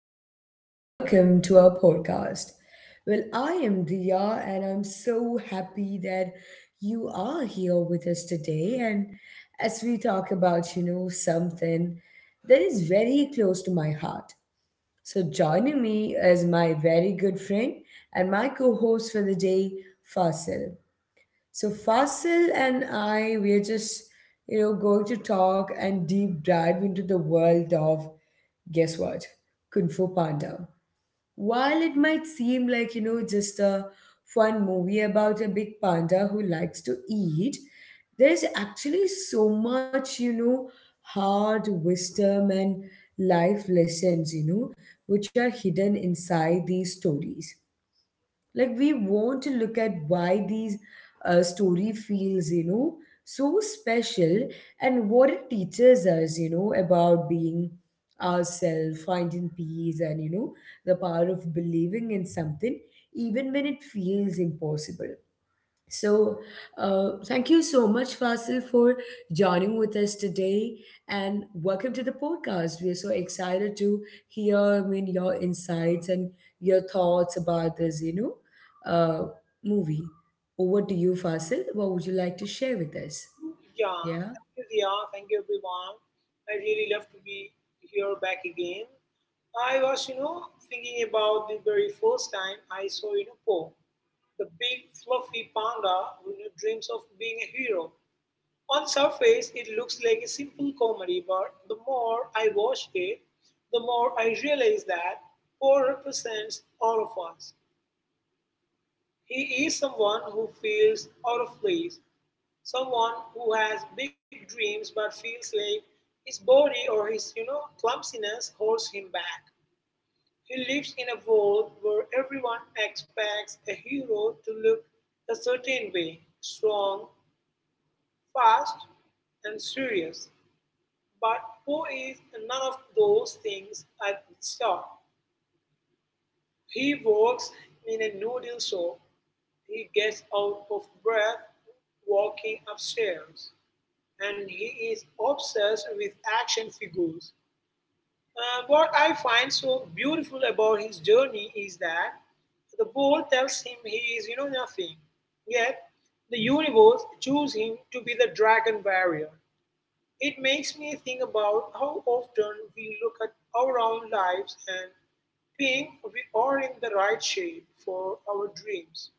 everyone, and welcome to our podcast. I am Diya, and I'm so happy that you are here with us today. And as we talk about, something that is very close to my heart. So, joining me is my very good friend and my co host for the day, Fasil. So Fasil and I, we're going to talk and deep dive into the world of, guess what, Kung Fu Panda. While it might seem like, just a fun movie about a big panda who likes to eat, there's actually so much, hard wisdom and life lessons, which are hidden inside these stories. Like, we want to look at why these story feels so special, and what it teaches us about being ourselves, finding peace, and the power of believing in something even when it feels impossible. So, thank you so much, Fasil, for joining with us today, and welcome to the podcast. We are so excited to hear your insights and your thoughts about this, uh, movie. Over to you, Fasil. What would you like to share with us? Yeah, Yeah. thank you, Dia. Thank you, everyone. I really love to be here back again. I was, thinking about the very first time I saw, Po, the big fluffy panda who dreams of being a hero. On the surface, it looks like a simple comedy, but the more I watch it, the more I realize that Po represents all of us. He is someone who feels out of place. Someone who has big dreams but feels like his body or his clumsiness holds him back. He lives in a world where everyone expects a hero to look a certain way: strong, fast, and serious. But Poe is none of those things at the start. He works in a noodle shop. He gets out of breath walking upstairs, and he is obsessed with action figures. What I find so beautiful about his journey is that the ball tells him he is, nothing. Yet the universe chose him to be the dragon barrier. It makes me think about how often we look at our own lives and think we are in the right shape for our dreams.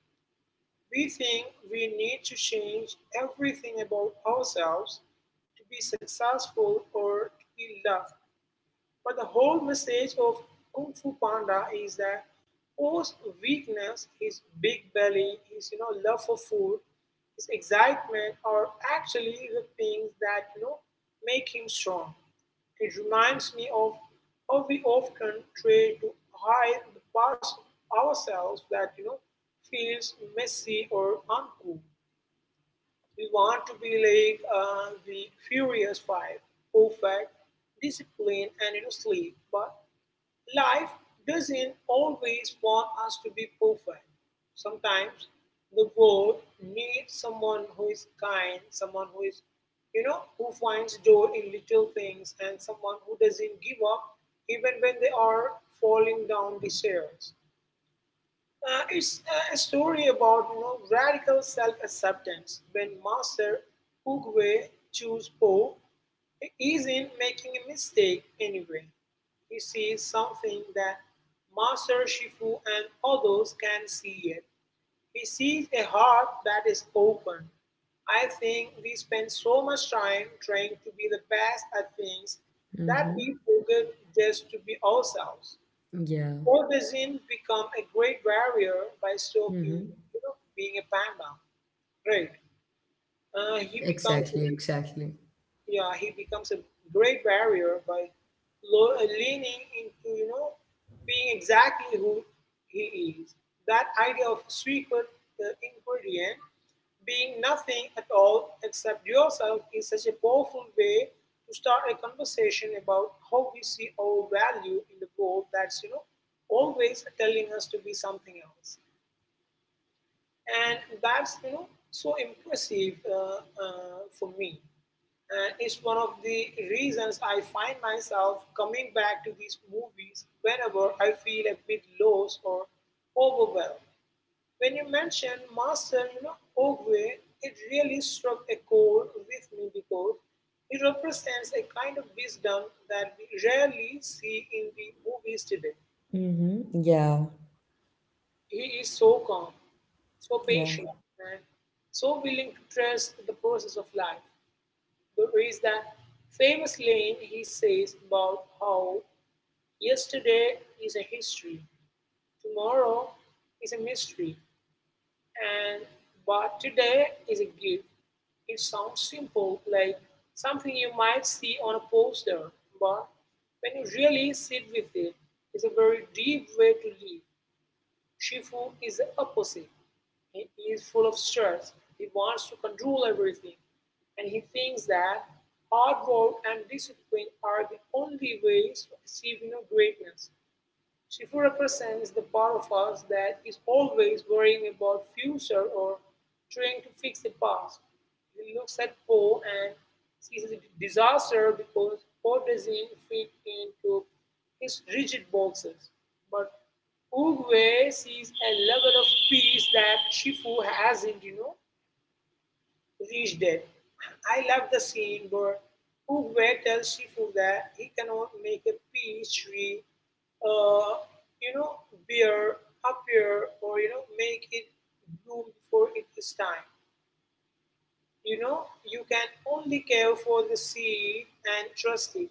We think we need to change everything about ourselves to be successful or to be loved. But the whole message of Kung Fu Panda is that Po's weakness, his big belly, his love for food, his excitement are actually the things that make him strong. It reminds me of how we often try to hide the parts of ourselves that feels messy or uncool. We want to be like the Furious Five: perfect, disciplined, and sleek. But life doesn't always want us to be perfect. Sometimes the world needs someone who is kind, someone who is, who finds joy in little things, and someone who doesn't give up even when they are falling down the stairs. It's a story about radical self-acceptance. When Master Oogway chooses Po, he isn't making a mistake anyway. He sees something that Master Shifu and others can see it. He sees a heart that is open. I think we spend so much time trying to be the best at things that Mm-hmm. we forget just to be ourselves. Yeah. Possession become a great warrior by stopping Mm-hmm. Being a panda, right? He becomes Exactly. a Exactly. Yeah, he becomes a great warrior by leaning into being exactly who he is. That idea of secret ingredient being nothing at all except yourself is such a powerful way to start a conversation about how we see our value in the world that's always telling us to be something else, and that's so impressive, for me, and it's one of the reasons I find myself coming back to these movies whenever I feel a bit lost or overwhelmed. When you mentioned Master, Ogwe, it really struck a chord with me because it represents a kind of wisdom that we rarely see in the movies today. Mm-hmm. Yeah. He is so calm, so Yeah. patient, and so willing to trust the process of life. There is that famous line he says about how yesterday is a history, tomorrow is a mystery, and but today is a gift. It sounds simple, like something you might see on a poster, but when you really sit with it, it's a very deep way to live. Shifu is the opposite. He is full of stress, he wants to control everything, and he thinks that hard work and discipline are the only ways to achieving greatness. Shifu represents the part of us that is always worrying about future or trying to fix the past. He looks at Po and sees a disaster because Po doesn't fit into his rigid boxes. But Uguay sees a level of peace that Shifu hasn't, reached it. I love the scene where Oogway tells Shifu that he cannot make a peach tree, uh, you know, bear appear, or make it bloom before it is time. You know, you can only care for the seed and trust it.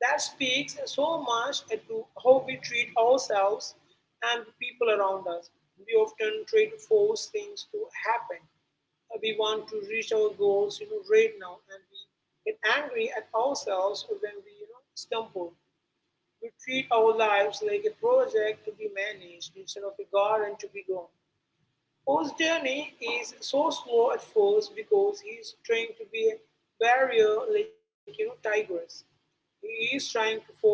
That speaks so much to how we treat ourselves and the people around us. We often try to force things to happen. We want to reach our goals right now, and we get angry at ourselves when we stumble. We treat our lives like a project to be managed instead of a garden to be grown. Paul's journey is so slow at first because he's trying to be a barrier, like tigers. He is trying to force the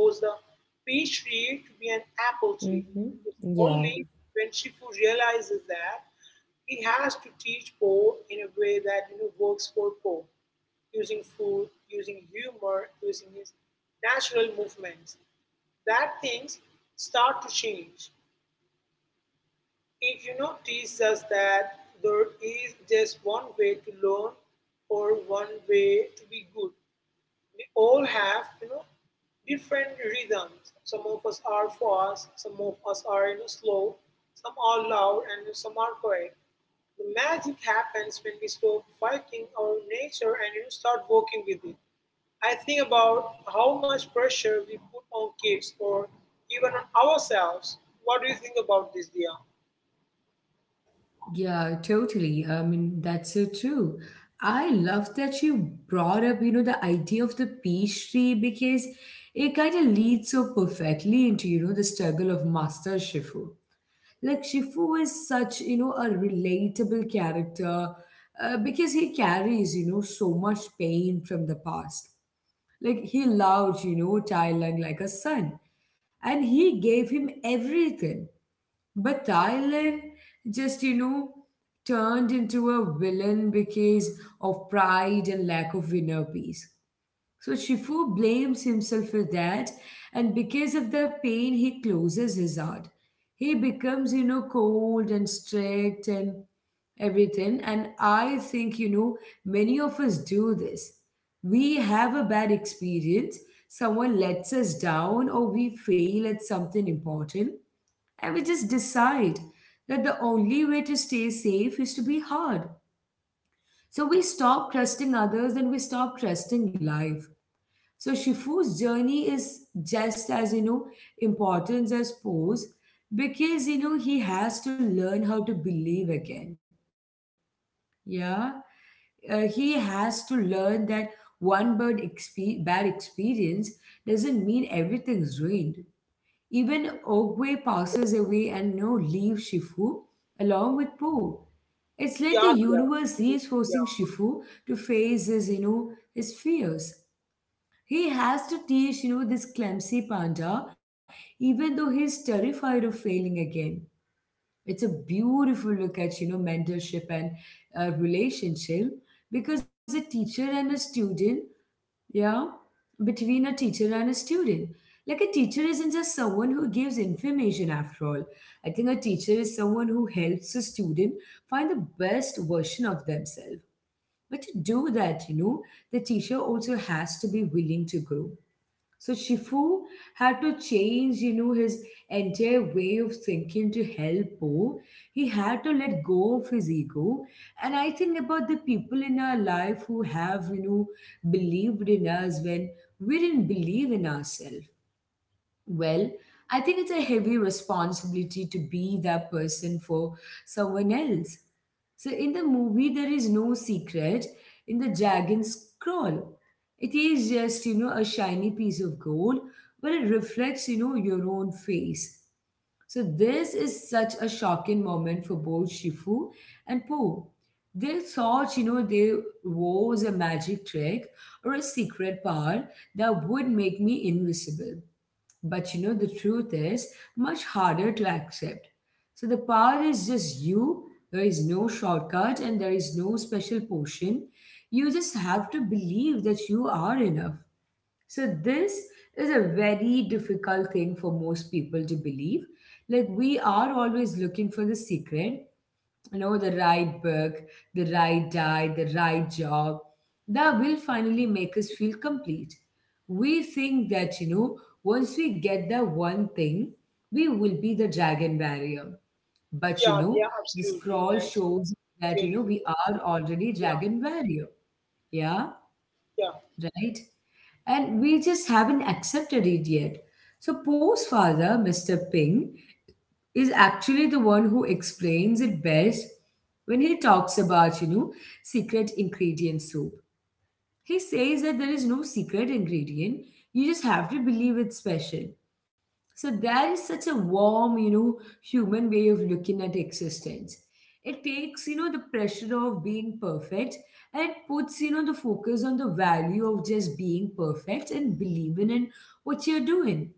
peach tree to be an apple tree. Mm-hmm. It's Yeah. only when Shifu realizes that he has to teach Poe in a way that works for Poe, using food, using humor, using his natural movements, that things start to change. It teaches us that there is just one way to learn or one way to be good. We all have different rhythms. Some of us are fast, some of us are slow, some are loud, and some are quiet. The magic happens when we stop fighting our nature and, start working with it. I think about how much pressure we put on kids or even on ourselves. What do you think about this, Dia? Yeah, totally. That's so true. I love that you brought up, the idea of the pastry, because it kind of leads so perfectly into, the struggle of Master Shifu. Like, Shifu is such, a relatable character because he carries, so much pain from the past. Like, he loved, Thailand like a son, and he gave him everything, but Thailand just turned into a villain because of pride and lack of inner peace. So Shifu blames himself for that, and because of the pain, he closes his heart. He becomes, cold and strict and everything. And I think, many of us do this. We have a bad experience, someone lets us down, or we fail at something important. I would just decide that the only way to stay safe is to be hard. So we stop trusting others and we stop trusting life. So Shifu's journey is just as important as Poe's, because he has to learn how to believe again. Yeah, he has to learn that one bad experience doesn't mean everything's ruined. Even Ogwe passes away and no leave Shifu along with Po. It's Yeah, like the yeah, universe absolutely. is Yeah, forcing Shifu to face his, his fears. He has to teach, this clumsy panda, even though he's terrified of failing again. It's a beautiful look at, mentorship and relationship. Because the teacher and a student yeah, Between a teacher and a student. Like, a teacher isn't just someone who gives information after all. I think a teacher is someone who helps a student find the best version of themselves. But to do that, the teacher also has to be willing to grow. So Shifu had to change, his entire way of thinking to help Po. He had to let go of his ego. And I think about the people in our life who have, believed in us when we didn't believe in ourselves. Well, I think it's a heavy responsibility to be that person for someone else. So in the movie, there is no secret in the dragon's scroll. It is just, a shiny piece of gold, but it reflects, your own face. So this is such a shocking moment for both Shifu and Po. They thought, there was a magic trick or a secret power that would make me invisible. But, the truth is much harder to accept. So the power is just you. There is no shortcut and there is no special potion. You just have to believe that you are enough. So this is a very difficult thing for most people to believe. Like, we are always looking for the secret, the right book, the right diet, the right job that will finally make us feel complete. We think that once we get that one thing we will be the dragon barrier. But the scroll That's shows that really, you know, we are already yeah, dragon barrier. Yeah, yeah, right. And we just haven't accepted it yet. So Pose father Mr. Ping is actually the one who explains it best when he talks about, secret ingredient soup. He says that there is no secret ingredient, you just have to believe it's special. So that is such a warm, human way of looking at existence. It takes, the pressure of being perfect, and it puts, the focus on the value of just being perfect and believing in what you're doing.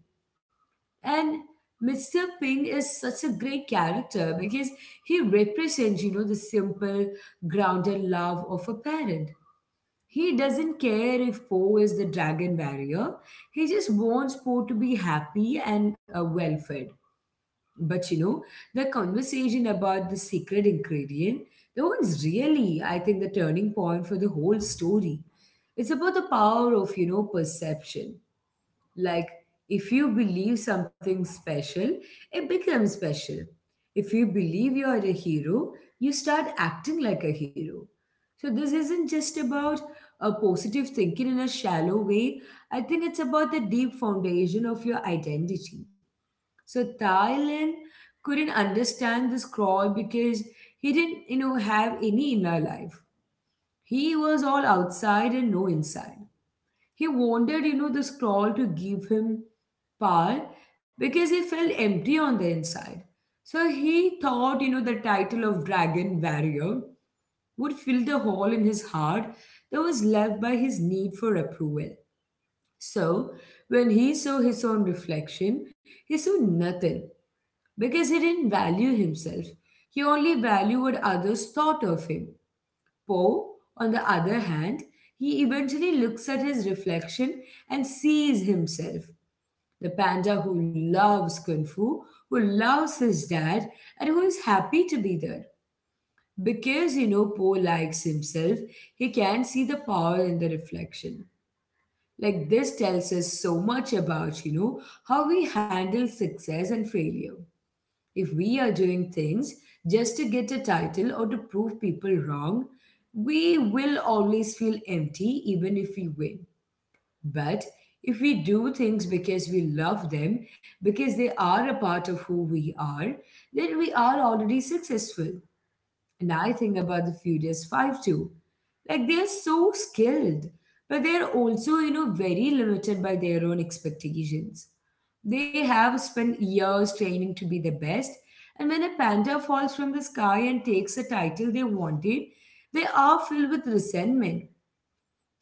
And Mr. Ping is such a great character because he represents, the simple, grounded love of a parent. He doesn't care if Po is the dragon barrier. He just wants Po to be happy and well fed. But, the conversation about the secret ingredient, that one's really, I think, the turning point for the whole story. It's about the power of, perception. Like, if you believe something special, it becomes special. If you believe you are a hero, you start acting like a hero. So, this isn't just about a positive thinking in a shallow way. I think it's about the deep foundation of your identity. So, Thailand couldn't understand this crawl because he didn't, have any inner life. He was all outside and no inside. He wanted, the scroll to give him power because he felt empty on the inside. So he thought, the title of Dragon Warrior would fill the hole in his heart that was left by his need for approval. So when he saw his own reflection, he saw nothing because he didn't value himself. He only valued what others thought of him. Poe, on the other hand, he eventually looks at his reflection and sees himself, the panda who loves Kung Fu, who loves his dad, and who is happy to be there. Because Poe likes himself, he can see the power in the reflection. Like, this tells us so much about, how we handle success and failure. If we are doing things just to get a title or to prove people wrong, we will always feel empty even if we win. But if we do things because we love them, because they are a part of who we are, then we are already successful. And I think about the Furious Five too. Like, they're so skilled, but they're also, very limited by their own expectations. They have spent years training to be the best, and when a panda falls from the sky and takes the title they wanted, they are filled with resentment.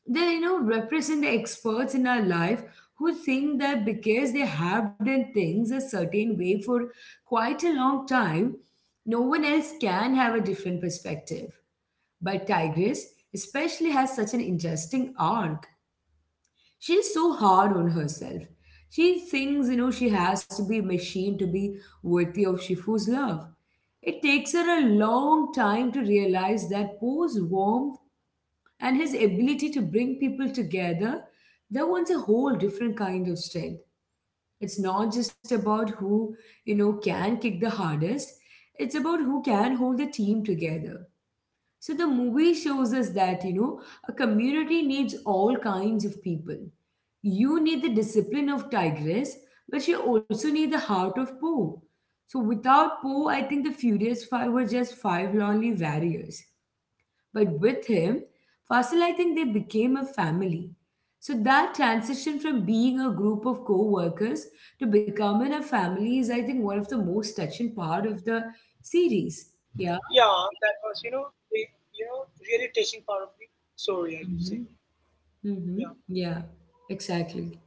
They represent the experts in our life who think that because they have done things a certain way for quite a long time, no one else can have a different perspective. But Tigress especially has such an interesting arc. She's so hard on herself. She thinks she has to be a machine to be worthy of Shifu's love. It takes her a long time to realize that Poe's warm and his ability to bring people together, that was a whole different kind of strength. It's not just about who can kick the hardest, it's about who can hold the team together. So the movie shows us that a community needs all kinds of people. You need the discipline of Tigress, but you also need the heart of Poe. So without Poe, I think the Furious Five were just five lonely warriors. But with him, Fasil, I think they became a family. So that transition from being a group of co-workers to becoming a family is, I think, one of the most touching part of the series. yeah. Yeah. That was, you know, really touching part of the story, I would say. Mm-hmm. Yeah, Mm-hmm. Yeah. Exactly.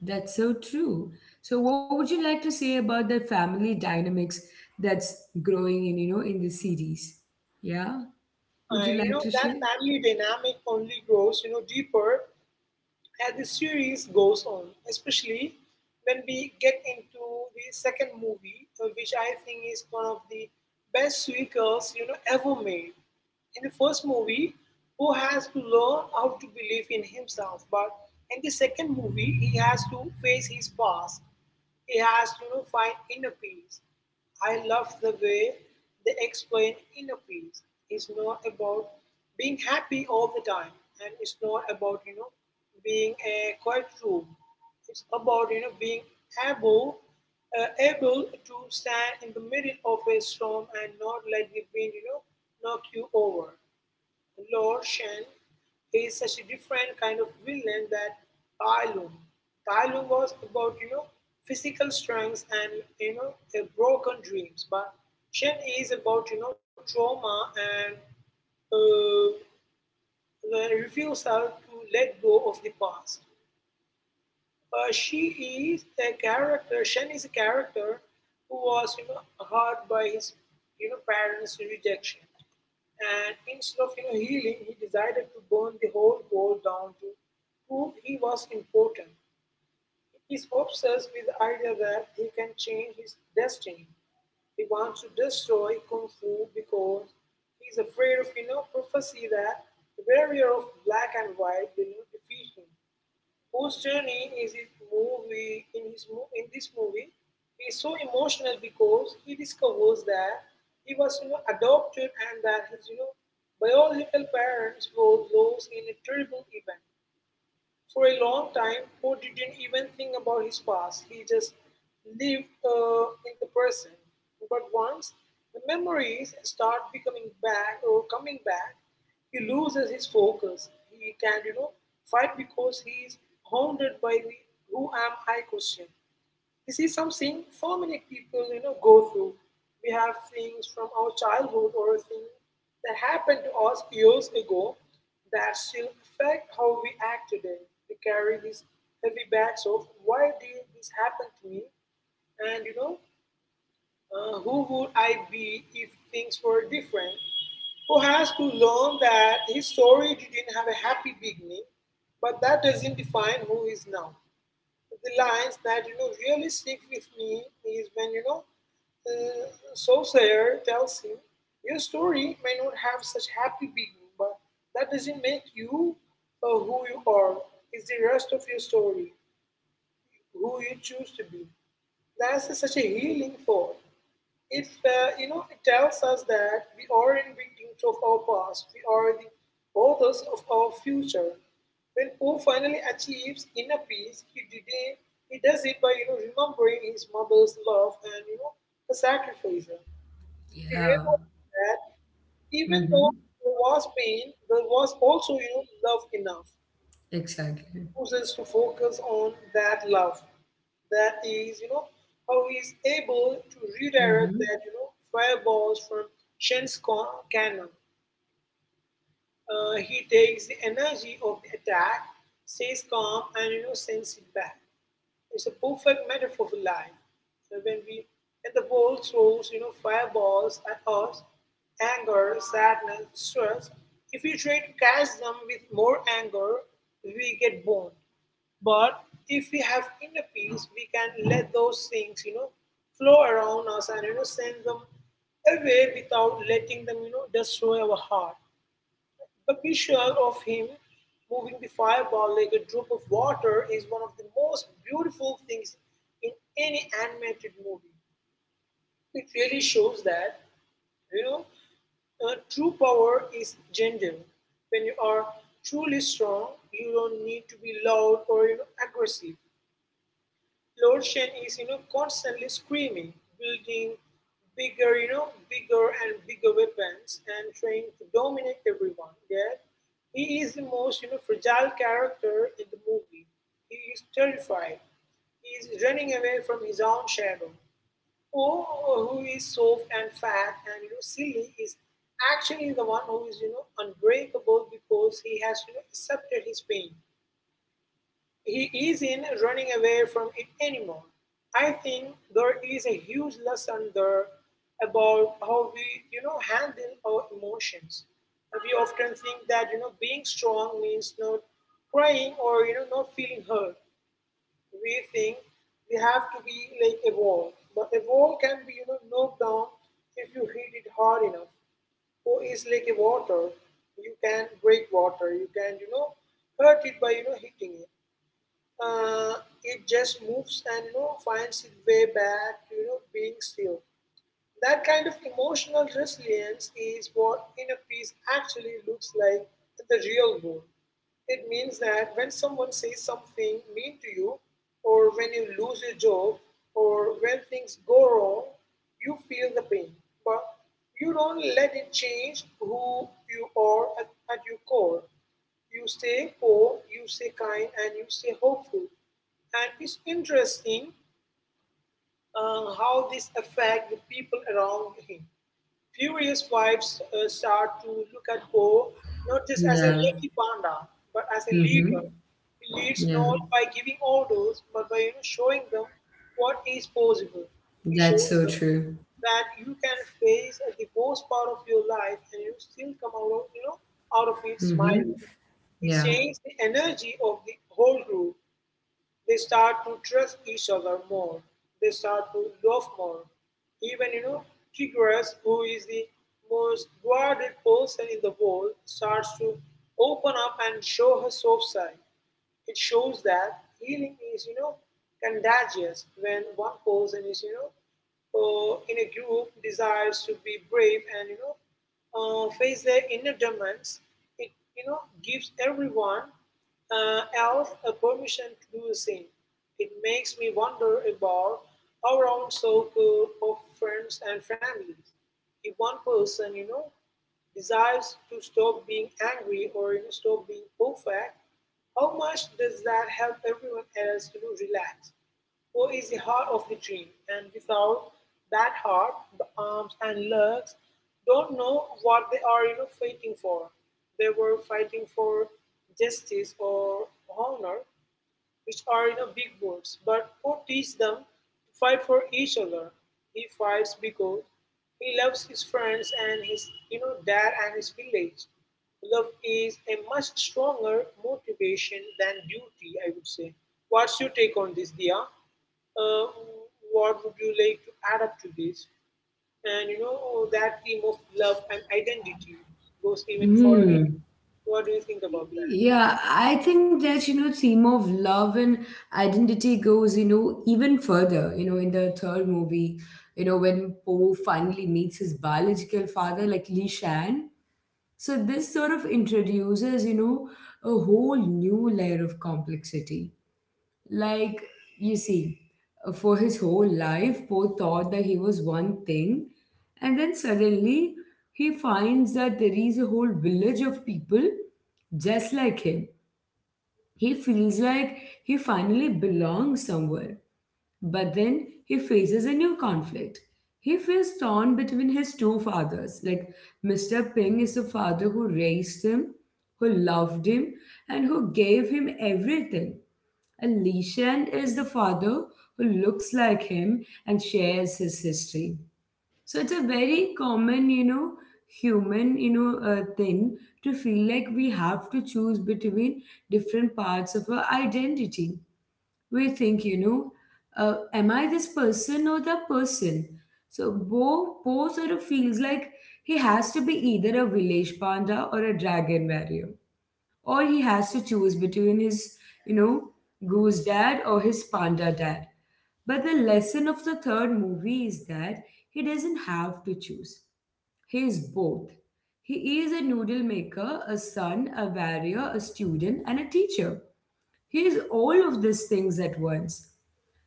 That's so true. So, what would you like to say about the family dynamics that's growing in, in the series? Yeah. Would you and like to that share? family dynamic only grows, deeper as the series goes on, especially when we get into the second movie, which I think is one of the best sequels ever made. In the first movie, Poe has to learn how to believe in himself, but in the second movie, he has to face his past. He has to, find inner peace. I love the way they explain inner peace is not about being happy all the time, and it's not about, being a quiet room. It's about, being able able to stand in the middle of a storm and not let the wind, knock you over. Lord Shen is such a different kind of villain that Tai Lung. Tai Lung was about physical strength and, you know broken dreams, but Shen is about, trauma and uh, the refusal to let go of the past. Uh, she Shen is a character who was, hurt by his parents' rejection, and instead of, healing, he decided to burn the whole world down to prove he was important. He's obsessed with the idea that he can change his destiny. He wants to destroy kung fu because he's afraid of, prophecy that the barrier of black and white will not defeat him. Whose journey is his movie in this movie is so emotional because he discovers that he was, adopted, and that his, biological parents were lost in a terrible event. For a long time, Poe didn't even think about his past. He just lived in the present. But once the memories start becoming back or coming back, he loses his focus. He can't, fight because he is haunted by the who am I question. This is something so many people go through. We have things from our childhood or things that happened to us years ago that still affect how we act today. We carry these heavy bags of why did this happen to me, and who would I be if things were different? Who has to learn that his story didn't have a happy beginning, but that doesn't define who he is now. The lines that really stick with me is when uh, Soothsayer tells him, "Your story may not have such happy beginning, but that doesn't make you who you are. It's the rest of your story, who you choose to be." That's such a healing thought. It, it tells us that we aren't victims of our past, we are the authors of our future. When Poe finally achieves inner peace, he does it by remembering his mother's love and, the sacrifice. He Yeah. realized that even though Mm-hmm. there was pain, there was also love enough Exactly. chooses to focus on that love. That is, how he is able to redirect Mm-hmm. that, fireballs from cannon. He takes the energy of the attack, stays calm, and, sends it back. It's a perfect metaphor for life. So when we and the world throws, fireballs at us, anger, sadness, stress, if we try to catch them with more anger, we get burned. But if we have inner peace, we can let those things, flow around us, and send them away without letting them, destroy our heart. The picture of him moving the fireball like a drop of water is one of the most beautiful things in any animated movie. It really shows that, you know, true power is gentle. When you are truly strong, you don't need to be loud or, aggressive. Lord Shen is, constantly screaming, building bigger, bigger and bigger weapons and trying to dominate everyone. Yet he is the most, fragile character in the movie. He is terrified. He is running away from his own shadow. Oh, who is soft and fat and, silly is actually the one who is, unbreakable, because he has, accepted his pain, he isn't running away from it anymore. I think there is a huge lesson there about how we, handle our emotions. We often think that, being strong means not crying or, not feeling hurt. We think we have to be like a wall. But a wall can be, knocked down if you hit it hard enough. Or it's like a water. You can break water. You can, hurt it by, hitting it uh, it just moves and finds its way back to being still. That kind of emotional resilience is what inner peace actually looks like in the real world. It means that when someone says something mean to you, or when you lose your job, or when things go wrong, you feel the pain, but you don't let it change who you are at your core. You say poor, you say kind, and you say hopeful. And it's interesting how this affects the people around him. Furious wives start to look at Poe not just as a Yeah. lucky panda, but as a leader. Mm-hmm. He leads not Yeah. by giving orders, but by, showing them what is possible. He shows That's them so true. that you can face the worst part of your life and you still come out of, out of it smiling. Mm-hmm. It Yeah. changed the energy of the whole group. They start to trust each other more. They start to love more. Even, Kiguras, who is the most guarded person in the world, starts to open up and show her soft side. It shows that healing is, contagious when one person is, in a group desires to be brave and, face their inner demons. It, gives everyone else a permission to do the same. It makes me wonder about our own circle of friends and families. If one person, desires to stop being angry or, stop being perfect, how much does that help everyone else to relax? Or is the heart of the dream? And without that heart, the arms and legs don't know what they are, fighting for. They were fighting for justice or honor, which are, big words, but Poe teaches them to fight for each other. He fights because he loves his friends and his, dad and his village. Love is a much stronger motivation than duty, I would say. What's your take on this, Dia? Uh, what would you like to add up to this? And that theme of love and identity goes even further. Mm. What do you think about that? Yeah, I think that, theme of love and identity goes, even further, in the third movie, when Poe finally meets his biological father, like Li Shan. So this sort of introduces, a whole new layer of complexity. Like, you see, for his whole life, Poe thought that he was one thing, and then suddenly he finds that there is a whole village of people just like him. He feels like he finally belongs somewhere. But then he faces a new conflict. He feels torn between his two fathers. Mr. Ping is the father who raised him, who loved him, and who gave him everything. And Li Shan is the father who looks like him and shares his history. So it's a very common, you know, human, thing to feel like we have to choose between different parts of our identity. We think, am I this person or that person? So Bo sort of feels like he has to be either a village panda or a dragon warrior, or he has to choose between his, you know, goose dad or his panda dad. But the lesson of the third movie is that he doesn't have to choose. He is both. He is a noodle maker, a son, a warrior, a student, and a teacher. He is all of these things at once.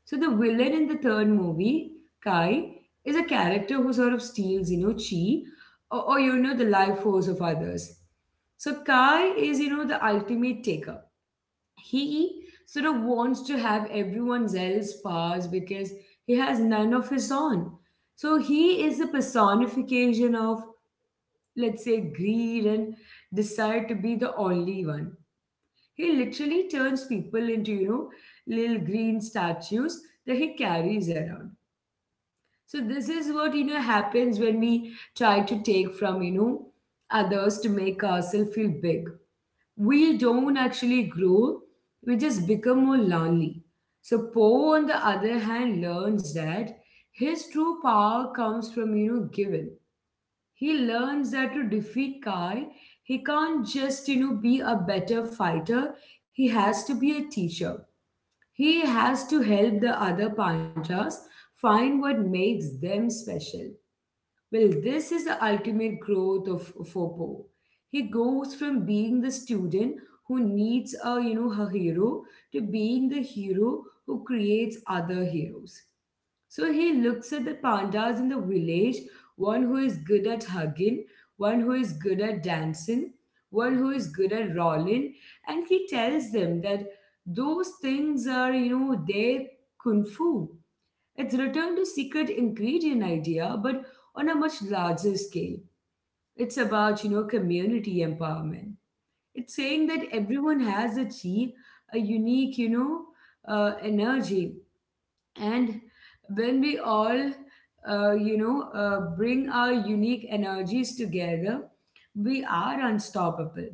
So the villain in the third movie, Kai, is a character who sort of steals, you know, chi, or you know the life force of others. So Kai is, you know, the ultimate taker. He sort of wants to have everyone else's powers because he has none of his own. So he is the personification of, let's say, greed and desire to be the only one. He literally turns people into, you know, little green statues that he carries around. So this is what you know happens when we try to take from you know others to make ourselves feel big. We don't actually grow, we just become more lonely. So Poe, on the other hand, learns that his true power comes from you know giving. He learns that to defeat Kai, he can't just you know be a better fighter, he has to be a teacher. He has to help the other Panthas find what makes them special. Well, this is the ultimate growth of Foppo. He goes from being the student who needs a her hero to being the hero who creates other heroes. So he looks at the pandas in the village, one who is good at hugging, one who is good at dancing, one who is good at rolling, and he tells them that those things are you know their kung fu. It's returned to secret ingredient idea, but on a much larger scale. It's about, you know, community empowerment. It's saying that everyone has a chi, a unique, energy. And when we all bring our unique energies together, we are unstoppable.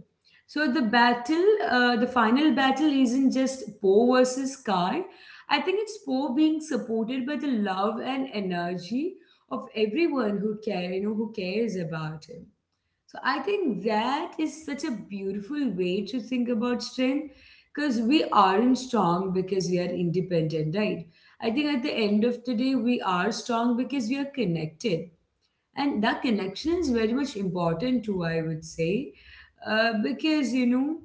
So the final battle isn't just Poe versus car. I think it's Poe being supported by the love and energy of everyone who care you know who cares about him. So I think that is such a beautiful way to think about strength, because we aren't strong because we are independent, right? I think at the end of the day, we are strong because we are connected. And that connection is very much important too, I would say, because, you know,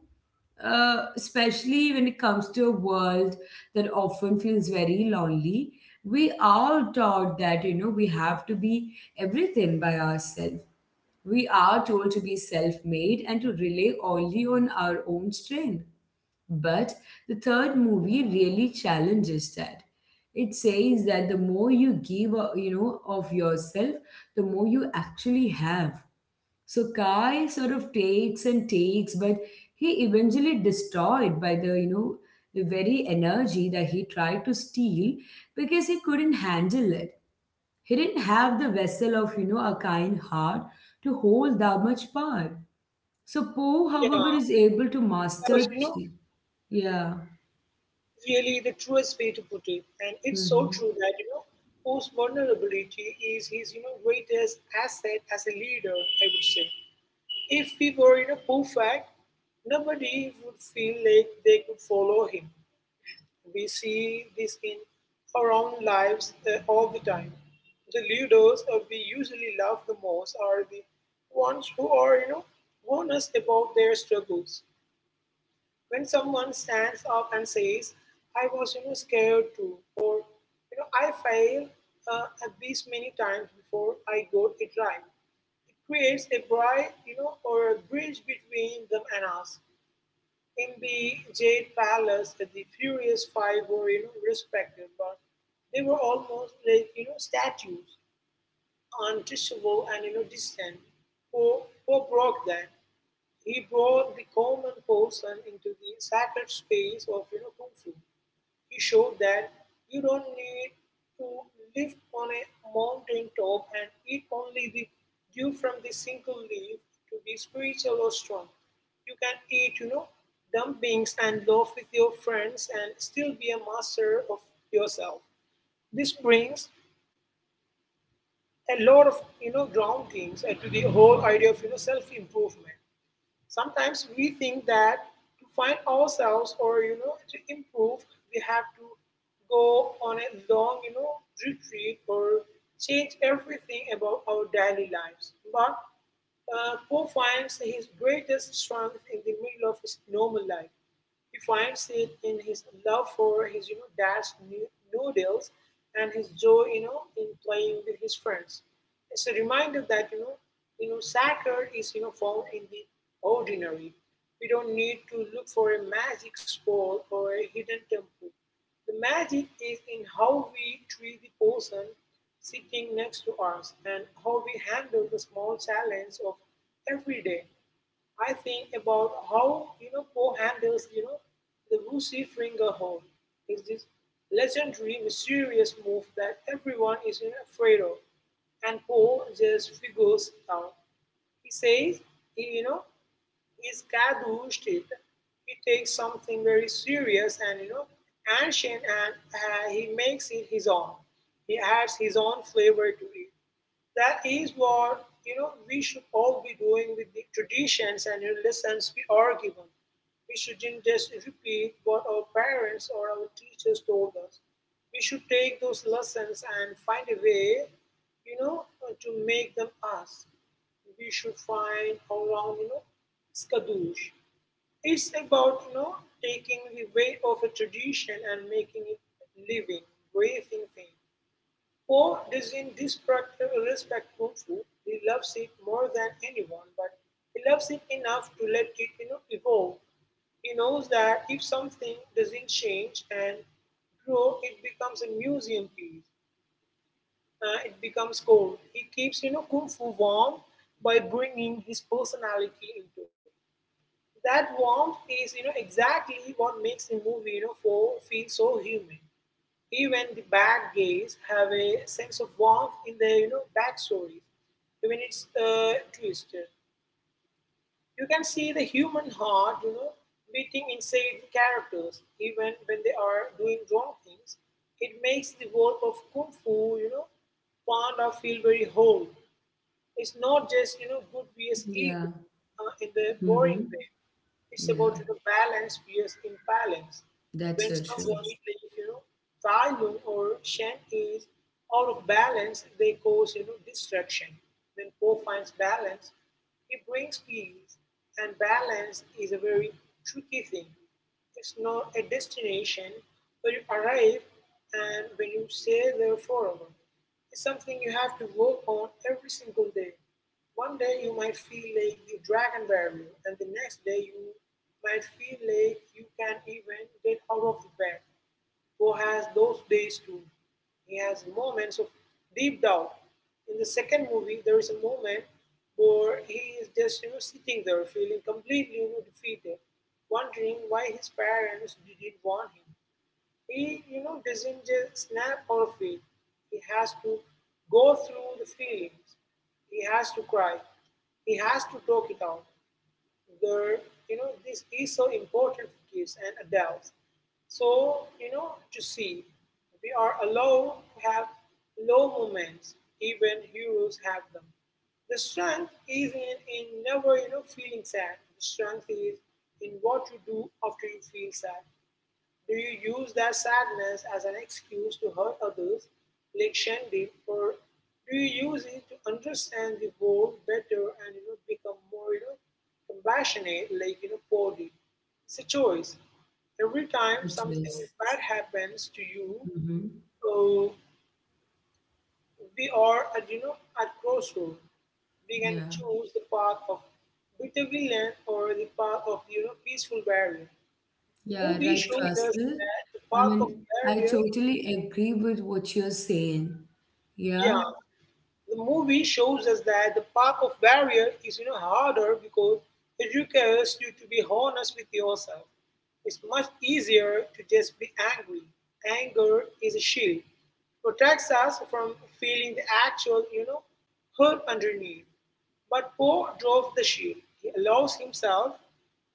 especially when it comes to a world that often feels very lonely, we are taught that, you know, we have to be everything by ourselves. We are told to be self made and to rely only on our own strength. But the third movie really challenges that. It says that the more you give, you know, of yourself, the more you actually have. So Kai sort of takes and takes, but he eventually destroyed by the, you know, the very energy that he tried to steal because he couldn't handle it. He didn't have the vessel of, you know, a kind heart to hold that much power. So Poe, Yeah, however, is able to that was, master. Chi. Yeah. really the truest way to put it. And it's so hmm true that, Poe's vulnerability is his, greatest asset as a leader, I would say. If we were, perfect, nobody would feel like they could follow him. We see this in our own lives all the time. The leaders we usually love the most are the ones who are, warn us about their struggles. When someone stands up and says, I was, scared too, or, I failed at these many times before I got it right, it creates a bright, or a bridge between them and us. In the Jade Palace, the Furious Five were, respected, but they were almost like, statues, untouchable and, distant. Poe broke that. He brought the common person into the sacred space of, kung fu. He showed that you don't need to live on a mountain top and eat only the dew from the single leaf to be spiritual or strong. You can eat, dumplings and loaf with your friends and still be a master of yourself. This brings a lot of, groundings to the whole idea of, self improvement. Sometimes we think that to find ourselves or, to improve, we have to go on a long, retreat or change everything about our daily lives. But Poe finds his greatest strength in the middle of his normal life. He finds it in his love for his, dad's noodles and his joy, in playing with his friends. It's a reminder that, sacred is, found in the ordinary. We don't need to look for a magic spell or a hidden temple. The magic is in how we treat the person sitting next to us and how we handle the small challenge of every day. I think about how, Poe handles, the Woosie Fringer home. It's this legendary, mysterious move that everyone is, afraid of, and Poe just figures out. He says he, he's gadooshed it. He takes something very serious and, ancient, and he makes it his own. He adds his own flavor to it. That is what, we should all be doing with the traditions and the lessons we are given. We shouldn't just repeat what our parents or our teachers told us. We should take those lessons and find a way, to make them us. We should find around, skadush. It's about, taking the weight of a tradition and making it living, breathing thing. Poe is in respect thoughtful, he loves it more than anyone, but he loves it enough to let it, evolve. He knows that if something doesn't change and grow, it becomes a museum piece. It becomes cold. He keeps, kung fu warm by bringing his personality into it. That warmth is, exactly what makes the movie, for feel so human. Even the bad guys have a sense of warmth in their, backstories, even it's twisted. You can see the human heart, beating inside the characters, even when they are doing wrong things. It makes the world of kung fu, part of feel very whole. It's not just, good vs Yeah. evil in the boring hmm way. It's about, Yeah. Balance vs imbalance. That's When so true. someone like, Thailand or Shen is out of balance, they cause, destruction. When Po finds balance, he brings peace. And balance is a very tricky thing. It's not a destination where you arrive and when you stay there forever. It's something you have to work on every single day. One day you might feel like you drag and bury, and the next day you might feel like you can't even get out of the bed. Who has those days too. He has moments of deep doubt. In the second movie, there is a moment where he is just, sitting there feeling completely, defeated, wondering why his parents didn't want him. He, doesn't just snap out of it. He has to go through the feelings. He has to cry. He has to talk it out. There, this is so important for kids and adults. So, to see, we are allowed to have low moments, even heroes have them. The strength isn't in never, feeling sad. The strength is in what you do after you feel sad. Do you use that sadness as an excuse to hurt others, like Shandy, or do you use it to understand the world better and, become more, compassionate, like, Paul? It's a choice. Every time It something is. bad happens to you, Mm-hmm. uh, we are at, at crossroad. We can Yeah. choose the path of bitter villain or the path of peaceful barrier. The Yeah. movie Right, shows us Faisal. that the I path of mean, I barrier totally agree with what you're saying. Yeah. Yeah, the movie shows us that the path of barrier is harder because it requires you to be honest with yourself. It's much easier to just be angry. Anger is a shield, protects us from feeling the actual hurt underneath. But Poe drove the shield. He allows himself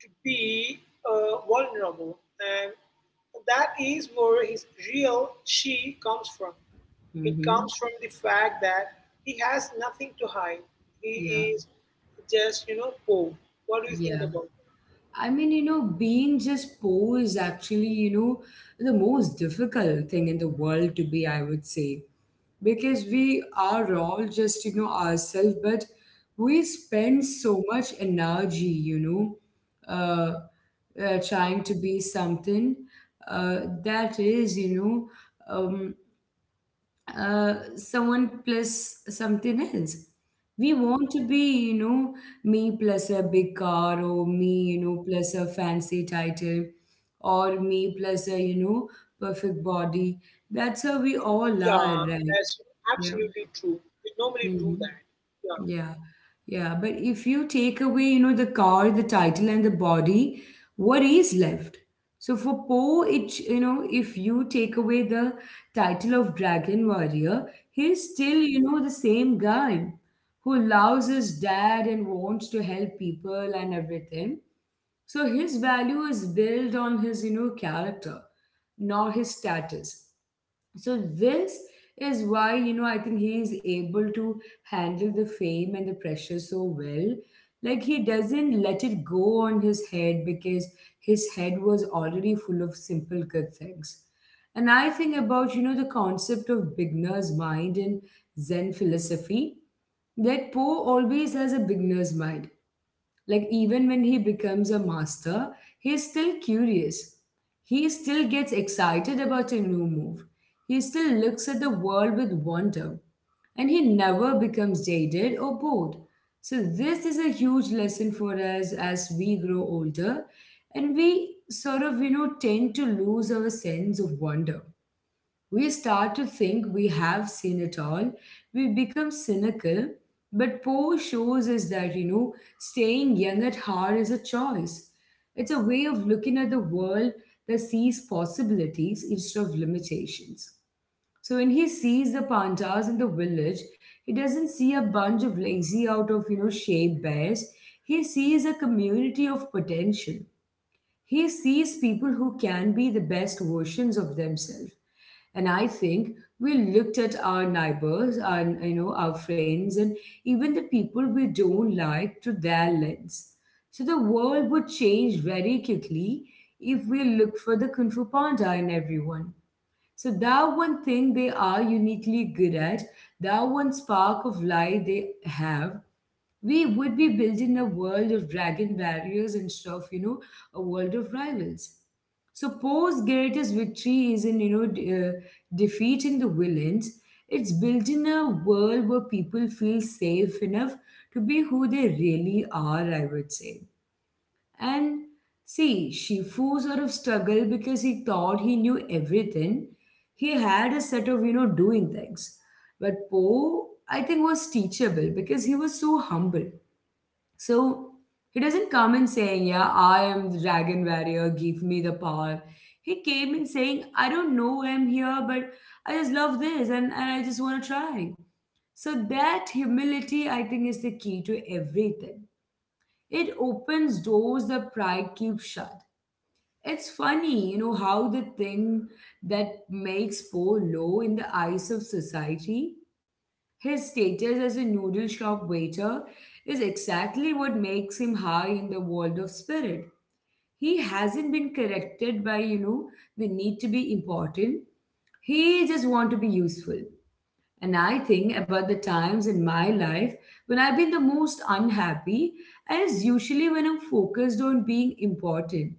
to be vulnerable, and that is where his real she comes from. It Mm-hmm. comes from the fact that he has nothing to hide. He Yeah. is just, you know, poor. What do you think Yeah. about it? I mean, you know, being just poor is actually, you know, the most difficult thing in the world to be, I would say. Because we are all just, you know, ourselves, but we spend so much energy, you know, uh, trying to be something uh, that is, someone plus something else. We want to be, you know, me plus a big car, or me, you know, plus a fancy title, or me plus a, you know, perfect body. That's how we Yeah, all are, that's right? absolutely Yeah. true. We normally do that. Mm-hmm. Yeah, Yeah, yeah. but if you take away, you know, the car, the title, and the body, what is left? So for Poe, it you know, if you take away the title of Dragon Warrior, he's still, you know, the same guy who loves his dad and wants to help people and everything. So his value is built on his, you know, character, not his status. So this is why, you know, I think he is able to handle the fame and the pressure so well. Like, he doesn't let it go on his head because his head was already full of simple good things. And I think about, you know, the concept of beginner's mind in Zen philosophy. That Poe always has a beginner's mind. Like, even when he becomes a master, he's still curious. He still gets excited about a new move. He still looks at the world with wonder. And he never becomes jaded or bored. So this is a huge lesson for us as we grow older and we sort of, you know, tend to lose our sense of wonder. We start to think we have seen it all. We become cynical. But Poe shows us that, you know, staying young at heart is a choice. It's a way of looking at the world that sees possibilities instead of limitations. So when he sees the pandas in the village, he doesn't see a bunch of lazy out of you know shape bears. He sees a community of potential. He sees people who can be the best versions of themselves. And I think we looked at our neighbors our you know our friends and even the people we don't like through their lens. So the world would change very quickly if we look for the Kung Fu Panda in everyone. So that one thing they are uniquely good at, that one spark of light they have, we would be building a world of dragon barriers instead of, you know, a world of rivals. So Poe's greatest victory isn't, defeating the villains. It's building a world where people feel safe enough to be who they really are, I would say. And see, Shifu sort of struggled because he thought he knew everything. He had a set of, you know, doing things. But Po, I think, was teachable because he was so humble. So he doesn't come in saying, "Yeah, I am the dragon warrior, give me the power." He came in saying, "I don't know why I'm here, but I just love this, and I just want to try." So that humility, I think, is the key to everything. It opens doors that pride keeps shut. It's funny, you know, how the thing that makes Poe low in the eyes of society, his status as a noodle shop waiter, is exactly what makes him high in the world of spirit. He hasn't been corrected by, you know, the need to be important. He just want to be useful. And I think about the times in my life when I've been the most unhappy, and it's usually when I'm focused on being important.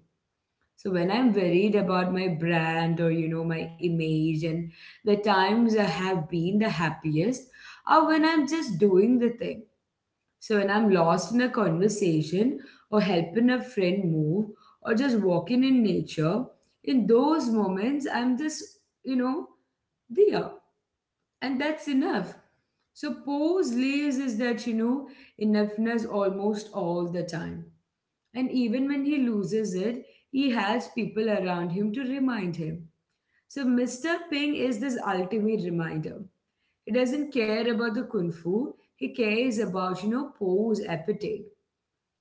So when I'm worried about my brand or you know my image, and the times I have been the happiest are when I'm just doing the thing. So when I'm lost in a conversation or helping a friend move or just walking in nature, in those moments I'm just you know there, and that's enough. So Poe's lives is that you know enoughness almost all the time, and even when he loses it, he has people around him to remind him. So Mr. Ping is this ultimate reminder. He doesn't care about the kung fu. He cares about you know Poe's appetite.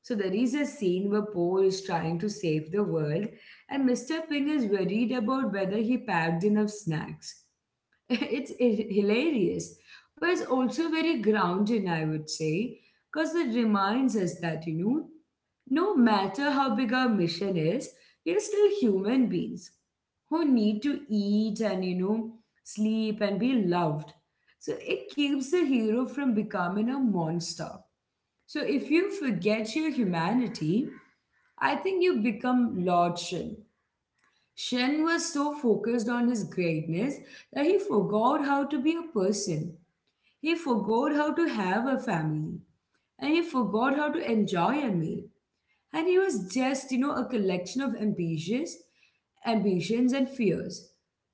So there is a scene where Poe is trying to save the world, and Mr. Ping is worried about whether he packed enough snacks. It's hilarious, but it's also very grounding, I would say, because it reminds us that you know no matter how big our mission is, we're still human beings who need to eat and you know sleep and be loved. So it keeps the hero from becoming a monster. So if you forget your humanity, I think you become lord Shin. Shen was so focused on his greatness that he forgot how to be a person. He forgot how to have a family. And he forgot how to enjoy a meal. And he was just, you know, a collection of ambitions and fears.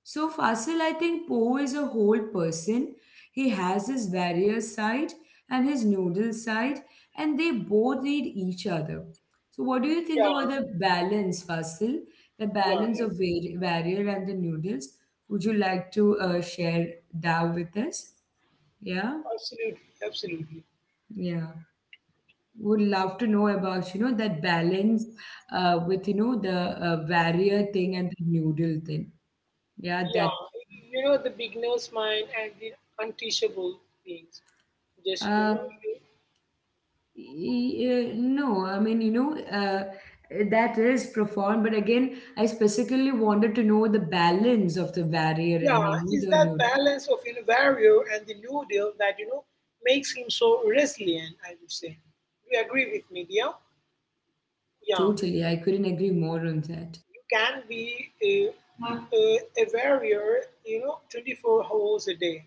So Fasil, I think Poe is a whole person. He has his warrior side and his noodle side, and they both need each other. So what do you think yeah, about the balance, Fasil? The yeah, yeah. balance of warrior and the noodles. Would you like to share that with us? Yeah, Absolutely, absolutely. yeah, would love to know about that balance, with the warrior thing and the noodle thing, yeah, Yeah, you know, the beginner's mind and the unteachable things. Just, you uh, know, no, I mean, you know, uh, that is profound, but again, I specifically wanted to know the balance of the warrior yeah, and, you know, is the that noodle. balance of you know, Vario and the new deal that, you know, makes him so resilient, I would say. Do you agree with me, dear? Yeah, Totally, I couldn't agree more on that. you can be a, a, a warrior, you know, 24 hours a day.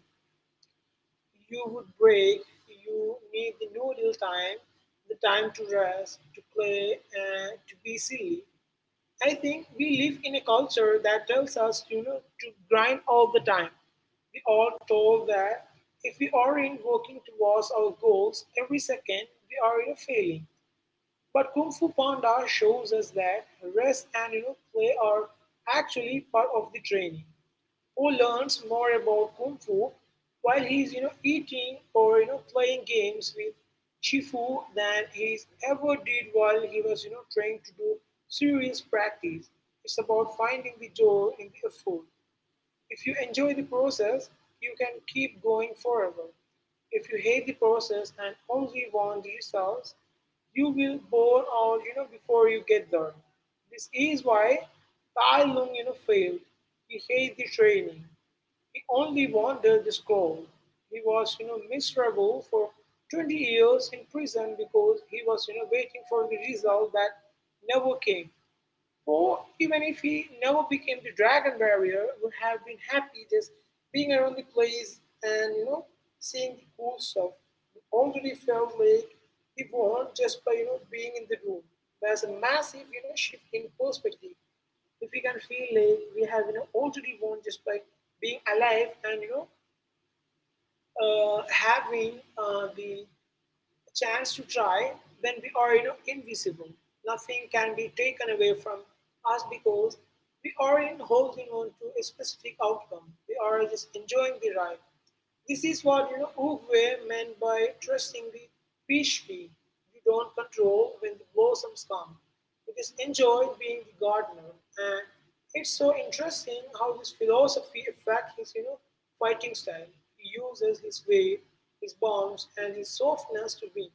You would break, you need the noodle time, the time to rest, to play, and to be silly. I think we live in a culture that tells us, you know, to grind all the time. We are told that if we aren't working towards our goals every second, we are you know, failing. But Kung Fu Panda shows us that rest and you know, play are actually part of the training. Who learns more about Kung Fu while he's eating or playing games with Shifu than he's ever did while he was trying to do serious practice. It's about finding the joy in the effort. If you enjoy the process, you can keep going forever. If you hate the process and only want the results, you will bore out, you know, before you get there. This is why Tai Lung, you know, failed. He hated the training. He only wanted the scroll. He was, you know, miserable for 20 years in prison because he was, you know, waiting for the result that never came. Or even if he never became the dragon warrior, would have been happy just being around the place and seeing the cool stuff. He already felt like he won just by being in the room. There's a massive shift in perspective. If we can feel like we have already won just by being alive and having the chance to try when we are invisible. Nothing can be taken away from us because we aren't holding on to a specific outcome. We are just enjoying the ride. This is what Oogway meant by trusting the peach tree, you don't control when the blossoms come. It is enjoy being the gardener, and it's so interesting how this philosophy affects his fighting style. He uses his weight, his bounce, and his softness to win.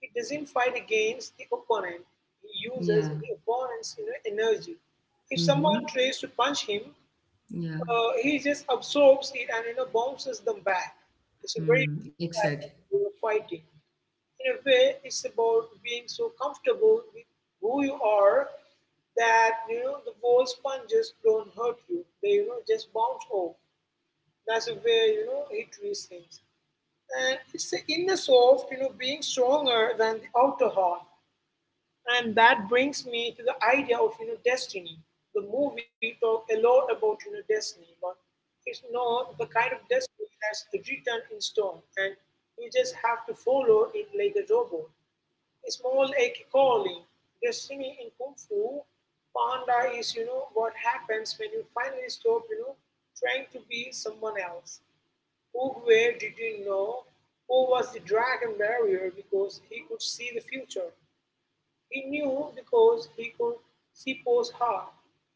He doesn't fight against the opponent. He uses Yeah. the opponent's energy. If someone Mm-hmm. tries to punch him, Yeah. He just absorbs it and bounces them back. It's a very Hmm. Exactly. way of fighting. In a way, it's about being so comfortable with who you are that the wall sponges don't hurt you. They just bounce off. That's the way he treats things. And it's the inner soft, you know, being stronger than the outer heart. And that brings me to the idea of destiny. The movie talk a lot about destiny, but it's not the kind of destiny that's written in stone, and you just have to follow it like a robot. It's more like a calling. Destiny in Kung Fu Panda is what happens when you finally stop trying to be someone else. Who where did who was the dragon barrier because he could see the future he knew because he could see Poe's heart.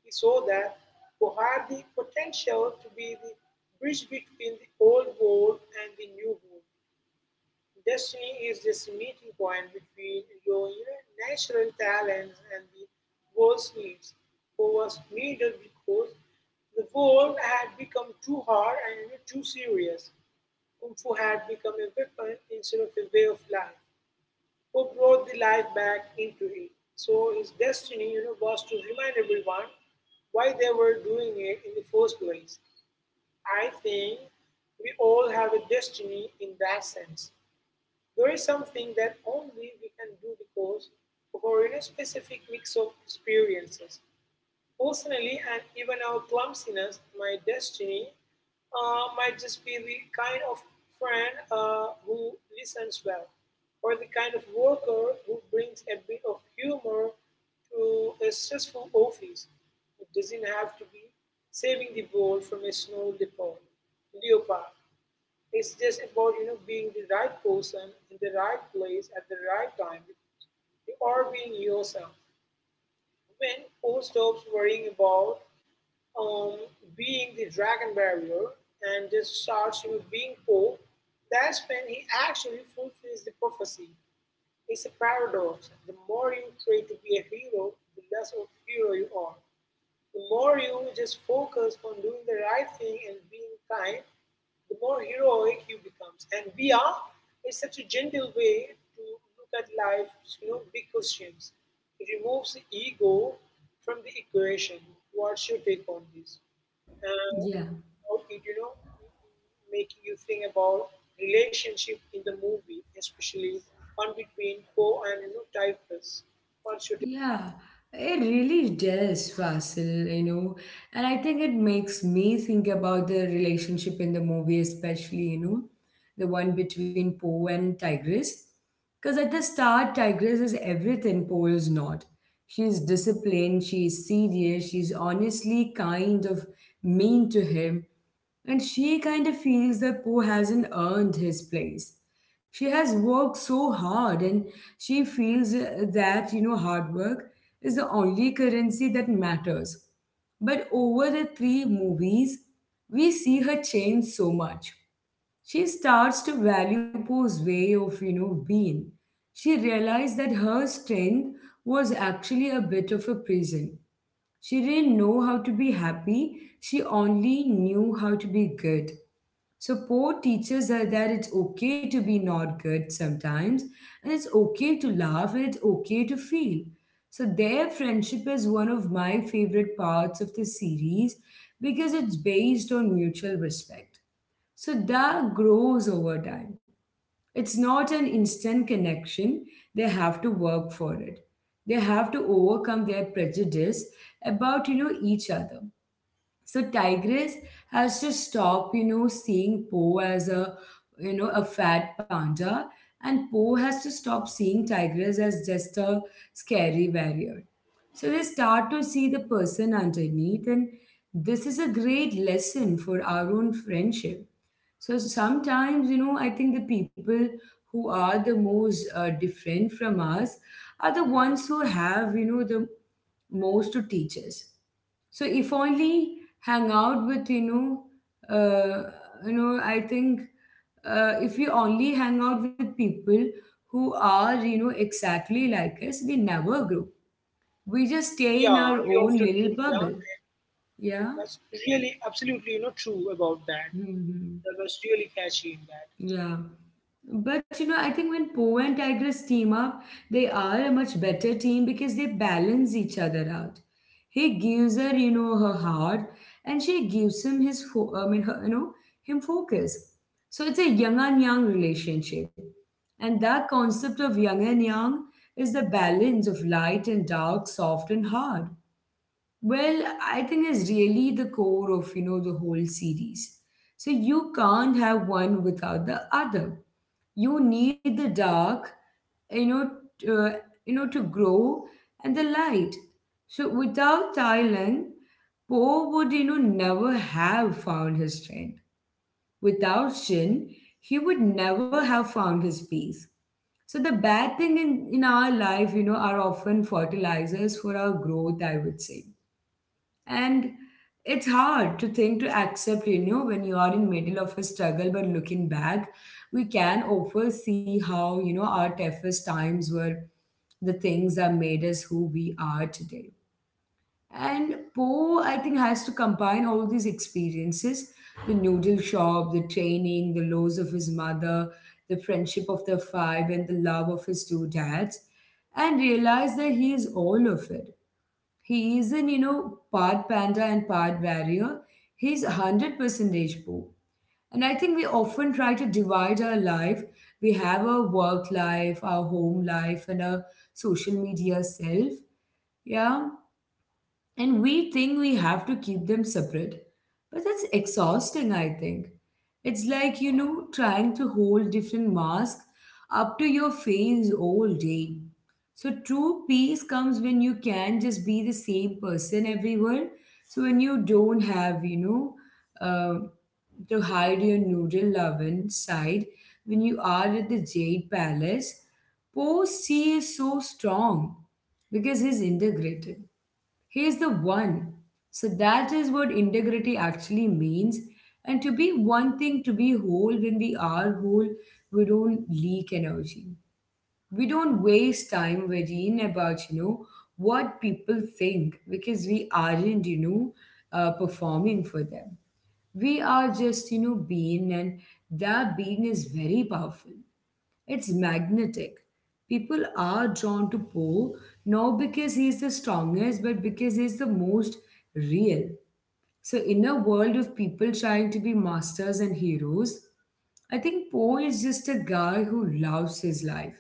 He saw that Poe had the potential to be the bridge between the old world and the new world. Destiny is this meeting point between your you know, natural talents and the world's needs. Poe was needed because the world had become too hard and too serious. Kung Fu had become a weapon instead of a way of life who brought the life back into it. So his destiny, you know, was to remind everyone why they were doing it in the first place. I think we all have a destiny in that sense. There is something that only we can do because of our you know, specific mix of experiences. Personally, and even our clumsiness, my destiny might just be the kind of friend who listens well, or the kind of worker who brings a bit of humor to a stressful office. It doesn't have to be saving the world from a snow leopard. It's just about being the right person in the right place at the right time. Or being yourself. When all stops worrying about um, being the dragon barrier and just starts you know, being poor, that's when he actually fulfills the prophecy. It's a paradox. The more you try to be a hero, the less of a hero you are. The more you just focus on doing the right thing and being kind, the more heroic you becomes. And we are is such a gentle way to look at life, you know, big questions. It removes the ego from the equation. What's your take on this? uh, Yeah. how it making you think about relationship in the movie, especially one between Poe and Typhus. One should, Yeah, it really does, Vasil, you know. And I think it makes me think about the relationship in the movie, especially, you know, the one between Poe and Tigress. Because at the start, Tigress is everything Poe is not. She's disciplined, she's serious, she's honestly kind of mean to him. And she kind of feels that Poe hasn't earned his place. She has worked so hard, and she feels that, you know, hard work is the only currency that matters. But over the three movies, we see her change so much. She starts to value Poe's way of, you know, being. She realized that her strength was actually a bit of a prison. She didn't know how to be happy, she only knew how to be good. So poor teaches her that it's okay to be not good sometimes, and it's okay to laugh, and it's okay to feel. So their friendship is one of my favorite parts of the series because it's based on mutual respect. So that grows over time. It's not an instant connection. They have to work for it. They have to overcome their prejudice about, you know, each other. So Tigress has to stop, you know, seeing Po as a, you know, a fat panda, and Po has to stop seeing Tigress as just a scary warrior. So they start to see the person underneath, and this is a great lesson for our own friendship. So sometimes, you know, I think the people who are the most different from us are the ones who have, you know, the most to teach us. So if only hang out with, you know, I think if we only hang out with people who are, you know, exactly like us, we never grow. We just stay yeah, in we our often own do. little Yeah, bubble. Yeah. that's really absolutely true about that. Mhm. That was really catchy in that. Yeah. But you know, I think when Po and Tigers team up, they are a much better team because they balance each other out. He gives her, you know, her heart, and she gives him his, I mean, her, you know, him focus. So it's a young and young relationship, and that concept of young and young is the balance of light and dark, soft and hard. Well, I think it's really the core of, you know, the whole series. So you can't have one without the other. You need the dark, you know, t- uh, you know, to grow and the light. So without Thailand, Poe would, you know, never have found his strength. Without Shin, he would never have found his peace. So the bad thing in our life, you know, are often fertilizers for our growth, I would say, and it's hard to think to accept, you know, when you are in middle of a struggle, but looking back we can often see how, you know, our toughest times were the things that made us who we are today. And Poe, I think, has to combine all these experiences: the noodle shop, the training, the loss of his mother, the friendship of the five, and the love of his two dads, and realize that he is all of it. He isn't, you know, part panda and part warrior. He's 100% Deshbhu. And I think we often try to divide our life. We have our work life, our home life, and our social media self. Yeah. And we think we have to keep them separate. But that's exhausting, I think. It's like, you know, trying to hold different masks up to your face all day. So true peace comes when you can just be the same person everywhere. So when you don't have, uh, to hide your noodle loving side, when you are at the Jade Palace, Post C is so strong because he's integrated. He's the one. So that is what integrity actually means. And to be one thing, to be whole, when we are whole, we don't leak energy. We don't waste time worrying about, you know, what people think because we aren't, performing for them. We are just, you know, being, and that being is very powerful. It's magnetic. People are drawn to Poe not because he's the strongest, but because he's the most real. So, in a world of people trying to be masters and heroes, I think Poe is just a guy who loves his life.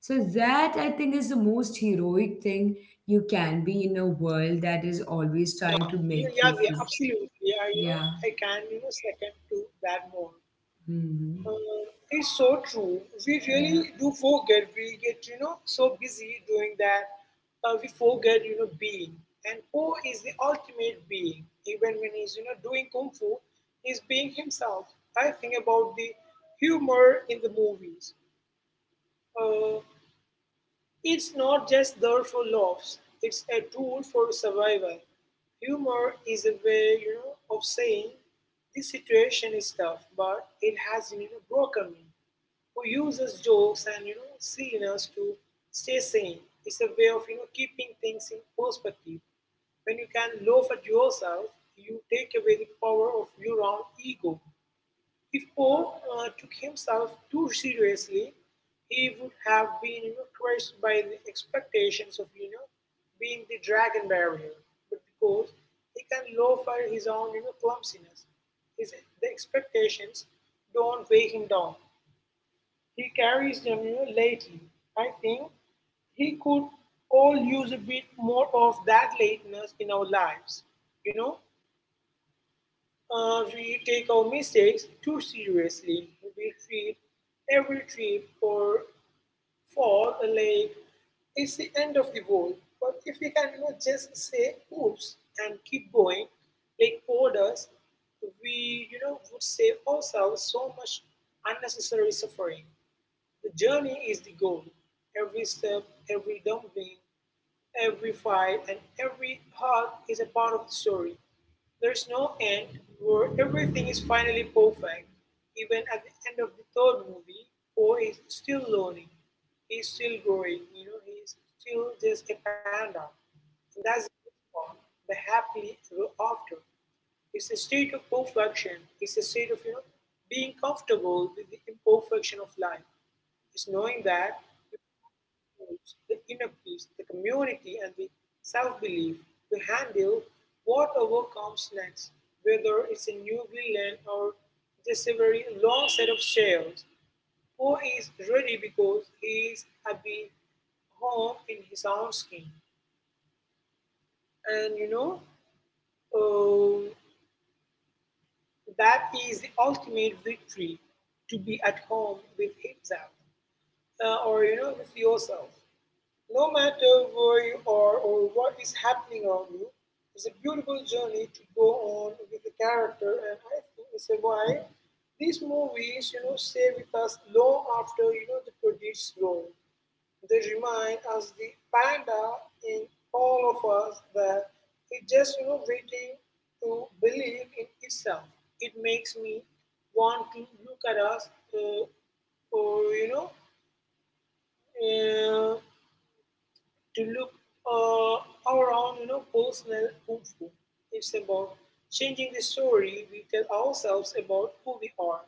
So, that I think is the most heroic thing you can be in a world that is always Yeah, trying to yeah, make yeah, you yeah, feel. absolutely. Yeah, you know, Yeah. I can second to that more. Mhm. Uh, It's so true. We really Yeah. do forget. We get, you know, so busy doing that. We forget, you know, being. And Po is the ultimate being. Even when he's, you know, doing kung fu, he's being himself. I think about the humor in the movies. Uh, it's not just there for laughs. It's a tool for survival. Humor is a way, you know, of saying this situation is tough, but it has, you know, broken me who uses jokes and silliness to stay sane. It's a way of keeping things in perspective. When you can laugh at yourself, you take away the power of your own ego. If Poe took himself too seriously, he would have been you know, crushed by the expectations of being the dragon barrier. But because he can laugh at his own clumsiness, his the expectations don't weigh him down. He carries them you know, lately. I think he could all use a bit more of that lateness in our lives. You know, we take our mistakes too seriously. We treat every trip or fall like it's the end of the world. But if we can you know, just say oops and keep going, like Paul does, we would save ourselves so much unnecessary suffering. The journey is the goal. Every step, every dumpling, every fight, and every hug is a part of the story. There's no end where everything is finally perfect. Even at the end of the third movie, Poe is still learning. He's still growing. You know, he's still just a panda. And that's the good part. The happily ever after. It's a state of perfection. It's a state of being comfortable with the imperfection of life. It's knowing that tools, the inner peace, the community, and the self belief to handle whatever comes next, whether it's a new villain or just a very long set of shells. Poe is ready because he is happy home in his own skin. And you know, um, that is the ultimate victory to be at home with himself or you know, with yourself. No matter where you are or what is happening around you, it's a beautiful journey to go on with the character, and I think it's why these movies, you know, stay with us long after the credits roll. They remind us the panda in all of us that it's just waiting to believe in itself. It makes me want to look at us, uh, or you know. Uh, to look uh, our you know, personal kung fu. It's about changing the story we tell ourselves about who we are.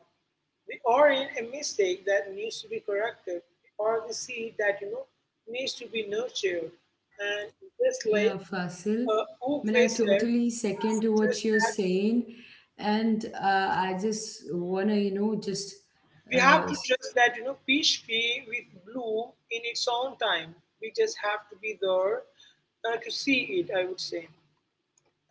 We are in a mistake that needs to be corrected. We are the seed that needs to be nurtured. And just Yeah, like Fasil. I mean, Oogway I said, totally second to trust what you're that saying, and I just wanna, you know, we uh, have to s- trust that peach tree with bloom in its own time. We just have to be there to see it. I would say.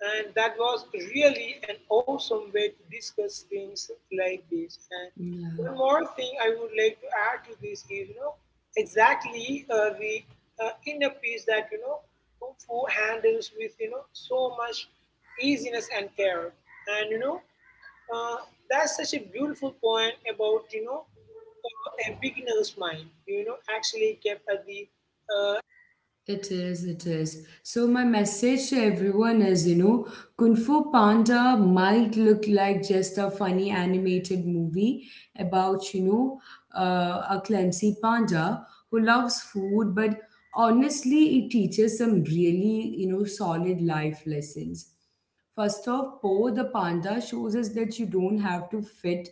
And that was really an awesome way to discuss things like this. And yeah. one more thing I would like to add to this is, you know, exactly the inner peace that, you know, Kung Fu handles with, you know, so much easiness and care. And, you know, uh, that's such a beautiful point about, you know, a beginner's mind, you know, actually kept at the uh, It is, it is. So, my message to everyone is, you know, Kung Fu Panda might look like just a funny animated movie about, you know, a clumsy panda who loves food, but honestly, it teaches some really, you know, solid life lessons. First off, Po the panda shows us that you don't have to fit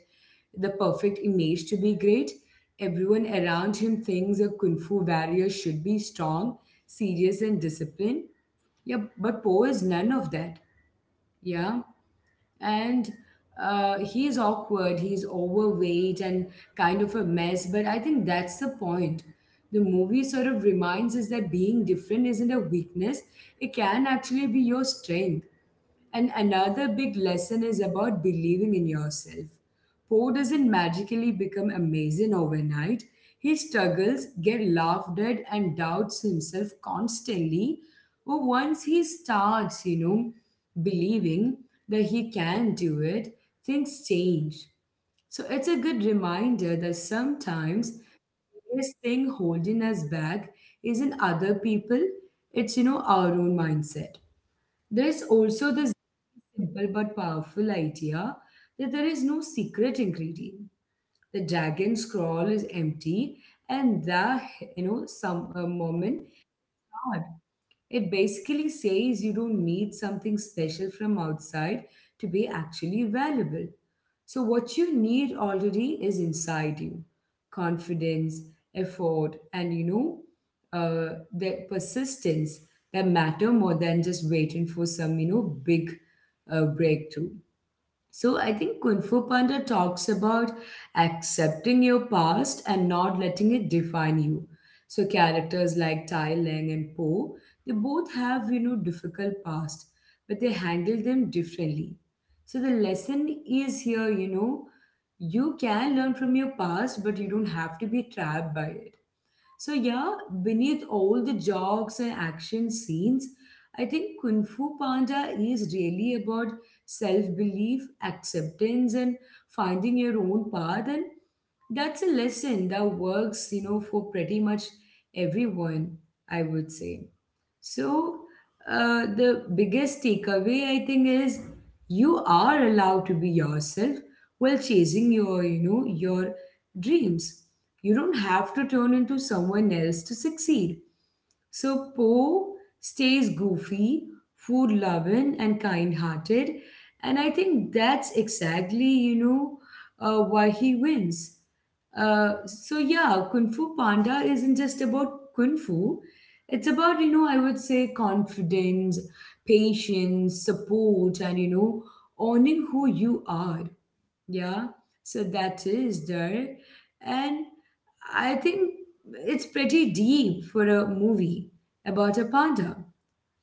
the perfect image to be great. Everyone around him thinks a kung fu warrior should be strong, serious and disciplined. Yeah, but Poe is none of that. Yeah, and he is awkward, he's overweight and kind of a mess, but I think that's the point. The movie sort of reminds us that being different isn't a weakness, it can actually be your strength. And another big lesson is about believing in yourself. Poe doesn't magically become amazing overnight. He struggles, gets laughed at, and doubts himself constantly. But once he starts, you know, believing that he can do it, things change. So it's a good reminder that sometimes the biggest thing holding us back isn't other people, it's, you know, our own mindset. There is also this simple but powerful idea that there is no secret ingredient. The dragon scroll is empty, and the, you know, some moment, it basically says you don't need something special from outside to be actually valuable. So, what you need already is inside you: confidence, effort, and, you know, the persistence that matter more than just waiting for some, you know, big breakthrough. So I think Kung Fu Panda talks about accepting your past and not letting it define you. So characters like Tai Leng and Po, they both have, you know, difficult past, but they handle them differently. So the lesson is here, you know, you can learn from your past, but you don't have to be trapped by it. So, yeah, beneath all the jokes and action scenes, I think Kung Fu Panda is really about self belief, acceptance, and finding your own path. And that's a lesson that works, you know, for pretty much everyone, I would say. So, the biggest takeaway I think is you are allowed to be yourself while chasing your, you know, your dreams. You don't have to turn into someone else to succeed. So Poe stays goofy, food loving, and kind hearted. And I think that's exactly, you know, why he wins. So yeah, Kung Fu Panda isn't just about Kung Fu. It's about, you know, I would say confidence, patience, support, and, you know, owning who you are. Yeah. So that is there. And I think it's pretty deep for a movie about a panda,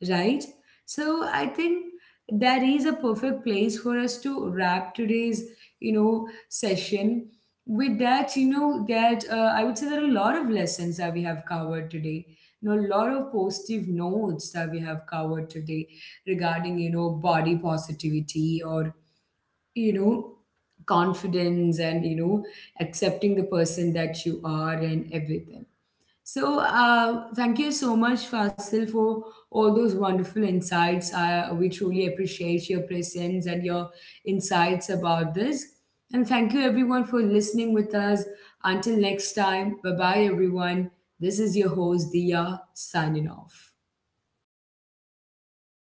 right? So I think that is a perfect place for us to wrap today's, you know, session. With that, you know, that I would say, there are a lot of lessons that we have covered today. You know, a lot of positive notes that we have covered today regarding, you know, body positivity or, you know, confidence and, you know, accepting the person that you are and everything. So, thank you so much, Fasil, for all those wonderful insights. We truly appreciate your presence and your insights about this. And thank you, everyone, for listening with us. Until next time, bye bye, everyone. This is your host, Dia, signing off.